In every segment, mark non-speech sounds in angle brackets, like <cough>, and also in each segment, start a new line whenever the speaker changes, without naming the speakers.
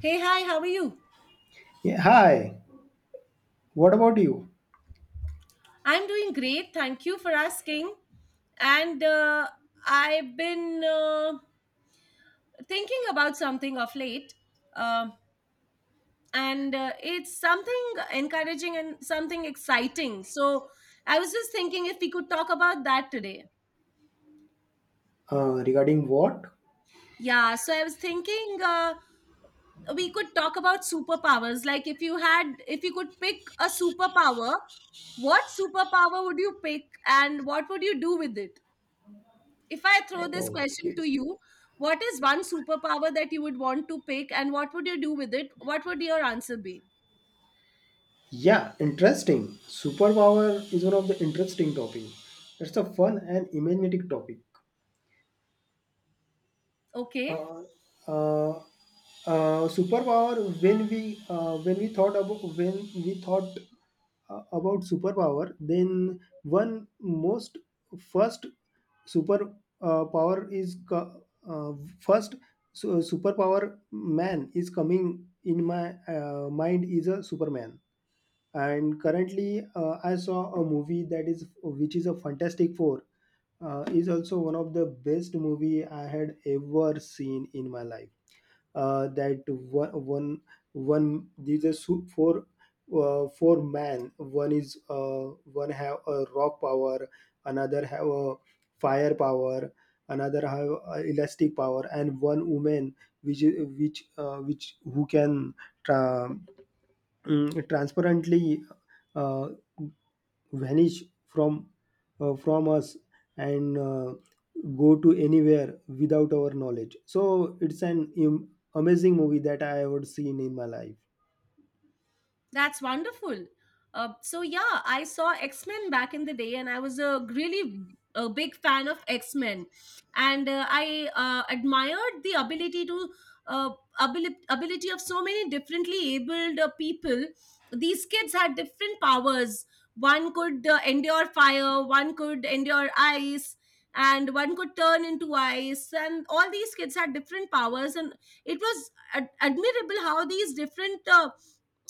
Hey, hi, how are you?
Yeah, hi. What about you?
I'm doing great. Thank you for asking. And I've been thinking about something of late. Um and It's something encouraging and something exciting. So I was just thinking if we could talk about that today.
Regarding what?
Yeah, so I was thinking we could talk about superpowers. Like if you had, if you could pick a superpower, what superpower would you pick and what would you do with it? If I throw this question
Okay.
to you, what is one superpower that you would want to pick and what would you do with it? What would your answer be?
Yeah, interesting. Superpower is one of the interesting topic. It's a fun and imaginative topic.
Okay.
uh, uh, Superpower when we thought about when we thought about superpower, then one most first super power is co- uh, first su- superpower man is coming in my mind is a superman. And currently I saw a movie that is which is a Fantastic Four. Uh, is also one of the best movie I had ever seen in my life. That one, one, one. These are four men. One have a rock power, another have a fire power, another have a elastic power, and one woman which is- which who can tra- transparently uh, vanish from us and go to anywhere without our knowledge. So it's an amazing movie that I have seen in my life.
That's wonderful. So yeah, I saw X Men back in the day, and I was a really a big fan of X Men, and I admired the ability to uh, ability ability of so many differently abled people. These kids had different powers. One could endure fire, one could endure ice, and one could turn into ice. And all these kids had different powers, and it was admirable how these different uh,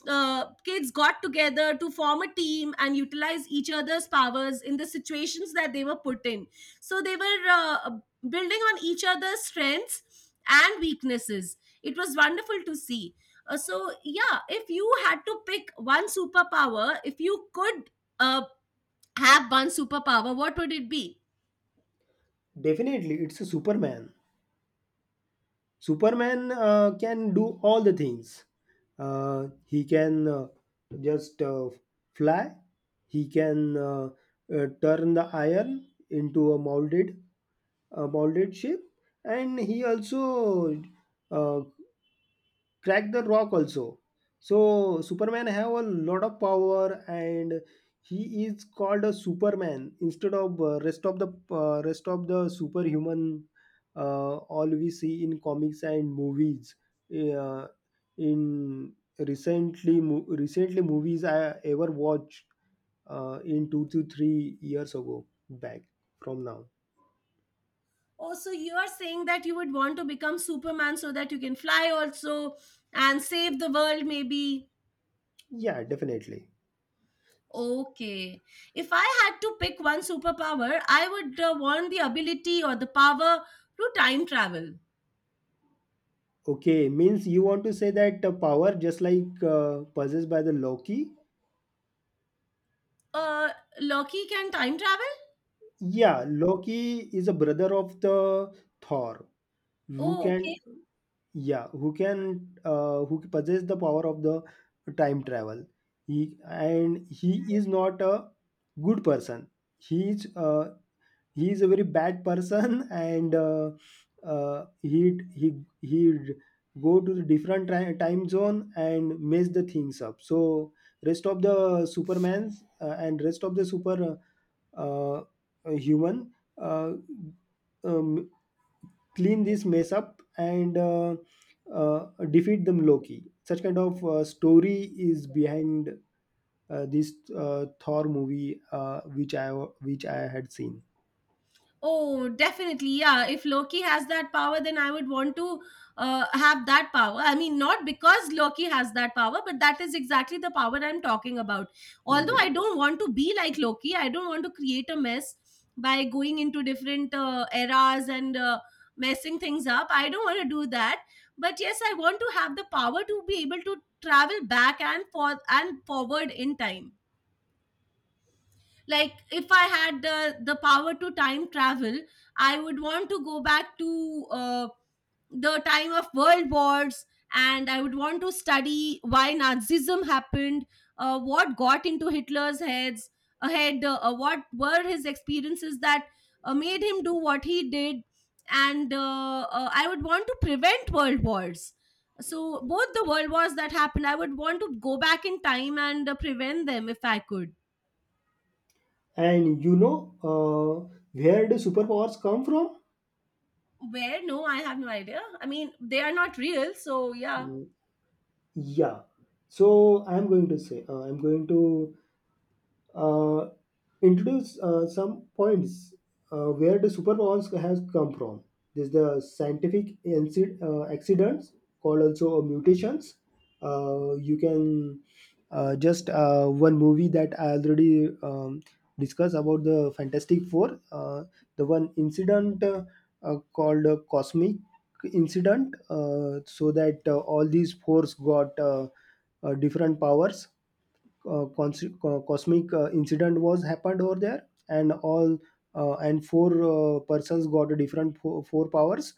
uh, kids got together to form a team and utilize each other's powers in the situations that they were put in. So they were building on each other's strengths and weaknesses. It was wonderful to see. So, yeah, if you had to pick one superpower, if you could uh, have one superpower, what would it be?
Definitely, it's a superman. Superman can do all the things. He can just fly. He can turn the iron into a molded shape, and he also uh, crack the rock also. So superman have a lot of power, and he is called a superman instead of rest of the superhuman. All we see in comics and movies uh, in recently movies I ever watched in 2 to 3 years ago back from now.
Oh, so you are saying that you would want to become Superman so that you can fly also and save the world, maybe.
Yeah, definitely.
Okay. If I had to pick one superpower, I would want the ability or the power to time travel.
Okay, means you want to say that power just like possessed by the Loki.
Uh, Loki can time travel?
Yeah, Loki is a brother of the Thor, who
Oh,
can,
okay.
yeah, who possess the power of the time travel. He is not a good person. He is, uh, he is a very bad person <laughs> and he'd he would go to the different time zone and mess the things up. So rest of the supermans and rest of the super uh, uh, human uh, um, clean this mess up and defeat them Loki. Such kind of story is behind this Thor movie, which I had seen.
Oh, definitely. Yeah. If Loki has that power, then I would want to have that power. I mean, not because Loki has that power, but that is exactly the power I'm talking about. Although
Yeah.
I don't want to be like Loki, I don't want to create a mess by going into different eras and messing things up. I don't want to do that. But yes, I want to have the power to be able to travel back and forth and forward in time. Like if I had the power to time travel, I would want to go back to the time of world wars, and I would want to study why Nazism happened, what got into Hitler's heads ahead what were his experiences that made him do what he did. And I would want to prevent world wars. So both the world wars that happened, I would want to go back in time and prevent them if I could.
And you know, where do superpowers come from?
Where? No, I have no idea. I mean, they are not real, so yeah.
Mm, yeah. So I'm going to say, I'm going to uh, introduce some points where the superpowers has come from. There's the scientific accidents called also mutations. You can just one movie that I already discussed about the Fantastic Four. The one incident called cosmic incident, so that all these fours got different powers. Cosmic incident was happened over there, and all and four persons got different four, four powers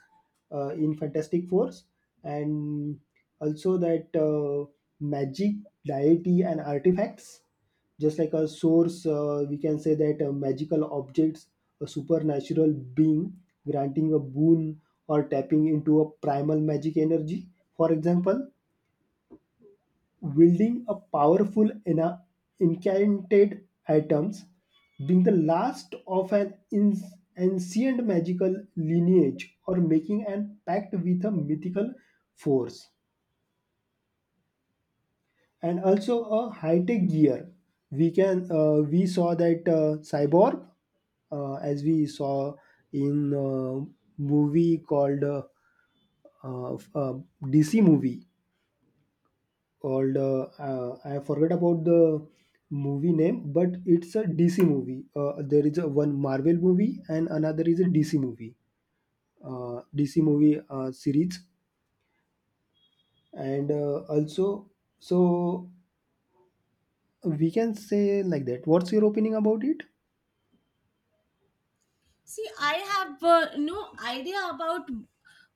in fantastic force. And also that magic deity and artifacts, just like a source, we can say that magical objects, a supernatural being granting a boon or tapping into a primal magic energy. For example, wielding a powerful incanted items, being the last of an ancient magical lineage, or making an pact with a mythical force, and also a high-tech gear. We saw that cyborg, as we saw in movie called DC movie called I forget about the movie name, but it's a DC movie. There is a one Marvel movie and another is a DC movie, DC movie series, and also, so we can say like that. What's your opinion about it?
See, I have no idea about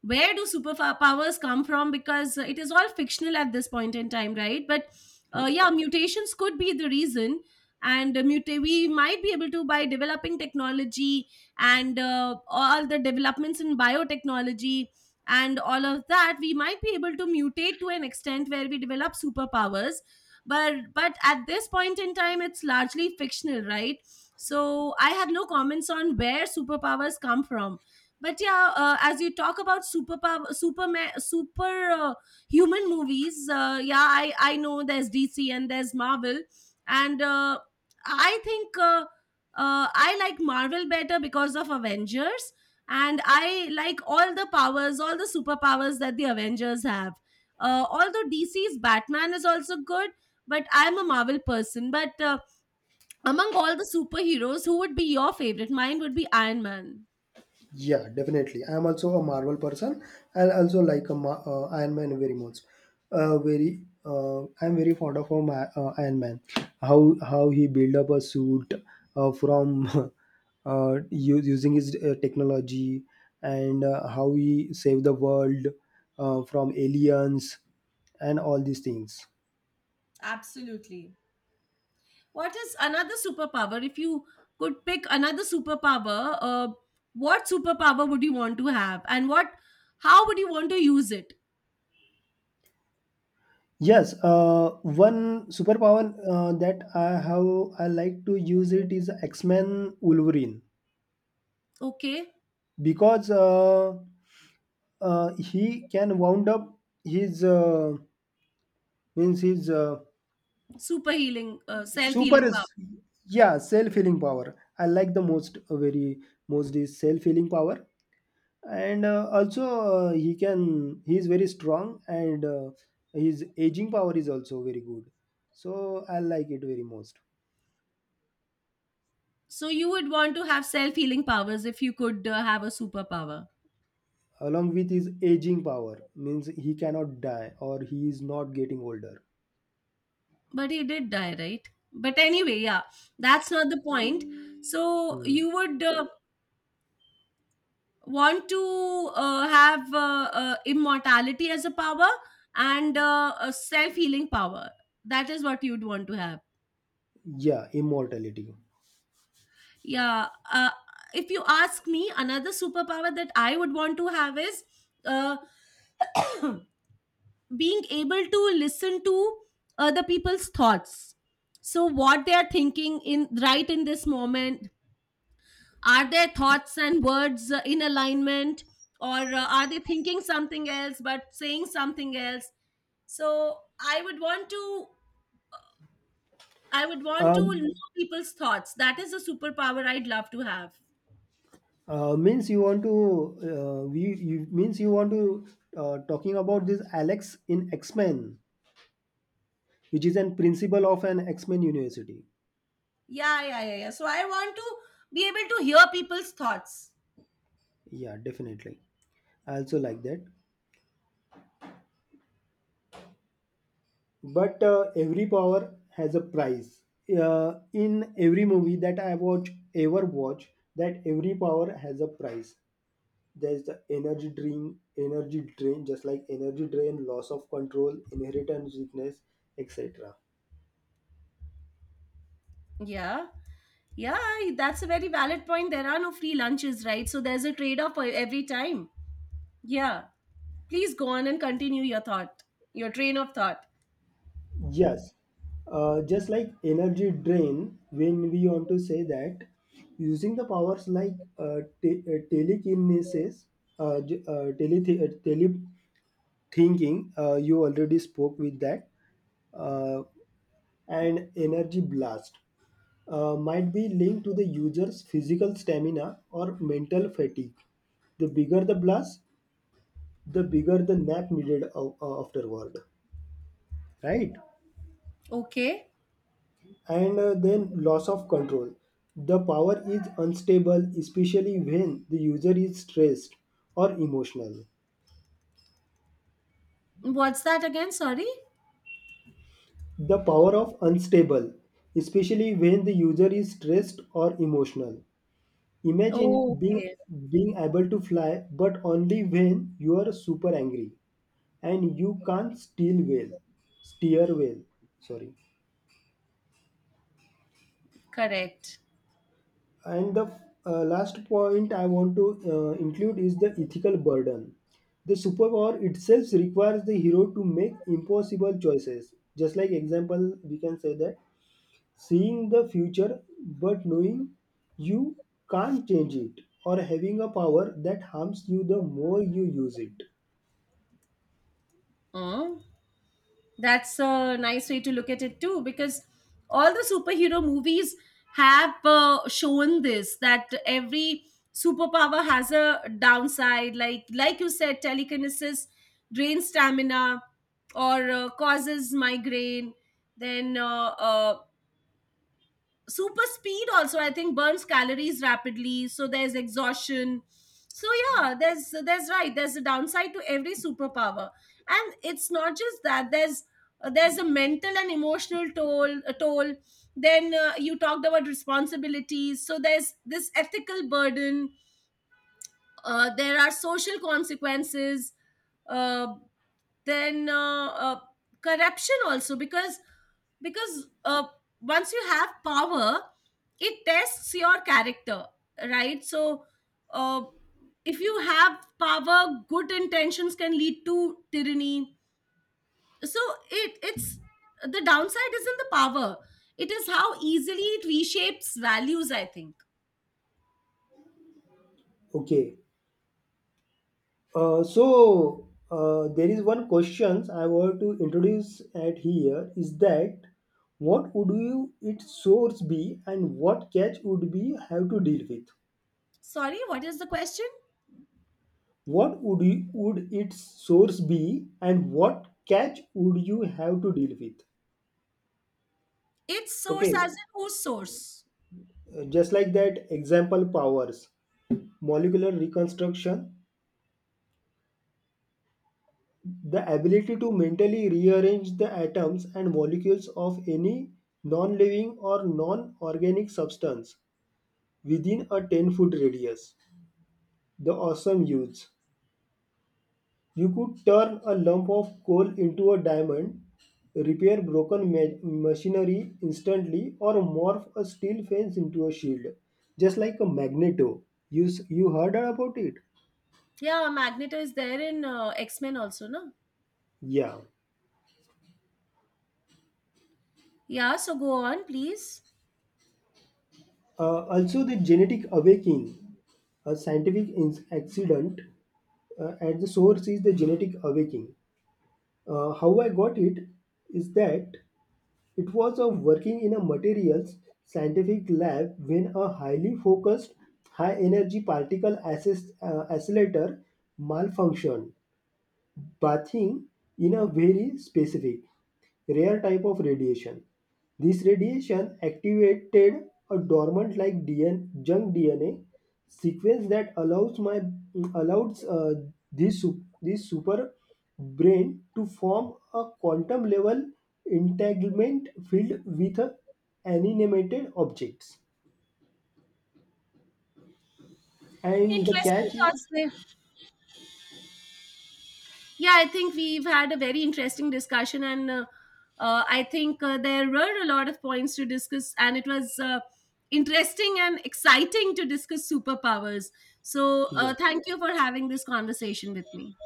where do superpowers come from, because it is all fictional at this point in time, right? But yeah, mutations could be the reason. And we might be able to, by developing technology and all the developments in biotechnology and all of that, we might be able to mutate to an extent where we develop superpowers. But at this point in time, it's largely fictional, right? So I have no comments on where superpowers come from. But yeah, as you talk about super super super human movies, yeah, I know there's DC and there's Marvel, and I think I like Marvel better because of Avengers, and I like all the powers, all the superpowers that the Avengers have. Although DC's Batman is also good, but I'm a Marvel person. But among all the superheroes, who would be your favorite? Mine would be Iron Man.
Yeah, definitely. I am also a Marvel person. I also like a Iron Man very much. I am very fond of him, Iron Man. How he build up a suit from <laughs> using his technology and how he save the world from aliens and all these things.
Absolutely. What is another superpower? If you could pick another superpower, what superpower would you want to have, and what, how would you want to use it?
Yes, one superpower that I have I like to use it is X Men Wolverine.
Okay,
Because he can wound up his means his
super healing, self
super
healing
is
power.
yeah, self healing power I like the most. Very most is self healing power. And also he can he is very strong, and his aging power is also very good, so I like it very most.
So you would want to have self healing powers if you could have a superpower.
Along with his aging power, means he cannot die or he is not getting older.
But he did die, right? But anyway, yeah, that's not the point. So
Hmm.
you would want to have immortality as a power and a self healing power. That is what you'd want to have.
Yeah, immortality.
Yeah. If you ask me, another superpower that I would want to have is uh, <clears throat> being able to listen to other people's thoughts. So, what they are thinking in right in this moment, are their thoughts and words in alignment, or are they thinking something else but saying something else? So i would want to I would want to know
um
people's thoughts. That is a superpower I'd love to have.
Means you want to talking about this Alex in X Men, which is an principal of an X Men university.
Yeah, so I want to be able to hear people's thoughts.
Yeah, definitely. I also like that. But every power has a price. In every movie that I watch, ever watch, that every power has a price. There's the energy drain, just like energy drain, loss of control, inheritance weakness, etc.
Yeah. Yeah, that's a very valid point. There are no free lunches, right? So there's a trade-off for every time. Yeah, please go on and continue your thought, your train of thought.
Yes, just like energy drain, when we want to say that using the powers like telekinesis, uh, j- uh, tele tele thinking, you already spoke with that, uh, and energy blast might be linked to the user's physical stamina or mental fatigue. The bigger the blast, the bigger the nap needed afterward, right?
Okay.
And then loss of control. The power is unstable, especially when the user is stressed or emotional.
What's that again? Sorry.
The power of unstable, especially when the user is stressed or emotional. Imagine
Oh,
being
okay.
being able to fly, but only when you are super angry and you can't steer well. Sorry.
Correct.
And the last point I want to include is the ethical burden. The superpower itself requires the hero to make impossible choices. Just like example, we can say that seeing the future but knowing you can't change it, or having a power that harms you the more you use it.
Hmm. That's a nice way to look at it too, because all the superhero movies have shown this, that every superpower has a downside. Like you said, telekinesis drains stamina or causes migraine. Then super speed also, I think, burns calories rapidly, so there's exhaustion. So yeah, there's right, there's a downside to every superpower. And it's not just that, there's a mental and emotional toll, a toll. Then you talked about responsibilities, so there's this ethical burden. There are social consequences. Uh, then corruption also, because once you have power, it tests your character, right? So uh, if you have power, good intentions can lead to tyranny. So it's the downside is in the power. It is how easily it reshapes values, I think.
Okay, so there is one question I want to introduce at here is that what would you its source be and what catch would be have to deal with?
Sorry, what is the question?
What would you, would its source be and what catch would you have to deal with?
Its source
Okay,
as in whose source?
just like that example powers, molecular reconstruction, the ability to mentally rearrange the atoms and molecules of any non-living or non-organic substance within a 10-foot radius. The awesome use. You could turn a lump of coal into a diamond, repair broken machinery instantly, or morph a steel fence into a shield, just like a magneto. You, you heard about it?
Yeah, magneto is there in X-Men also, no?
Yeah.
Yeah, so go on, please.
Also, the genetic awakening, a scientific accident, at the source is the genetic awakening. How I got it is that it was a working in a materials scientific lab when a highly focused, high energy particle accelerator malfunctioned pathing in a very specific, rare type of radiation. This radiation activated a dormant like DN, junk DNA sequence that allows my allows this this super brain to form a quantum level entanglement field with animated objects. And the
Interesting
catch is
thoughts there. Yeah, I think we've had a very interesting discussion, and I think there were a lot of points to discuss, and it was interesting and exciting to discuss superpowers. So,
yeah.
thank you for having this conversation with me.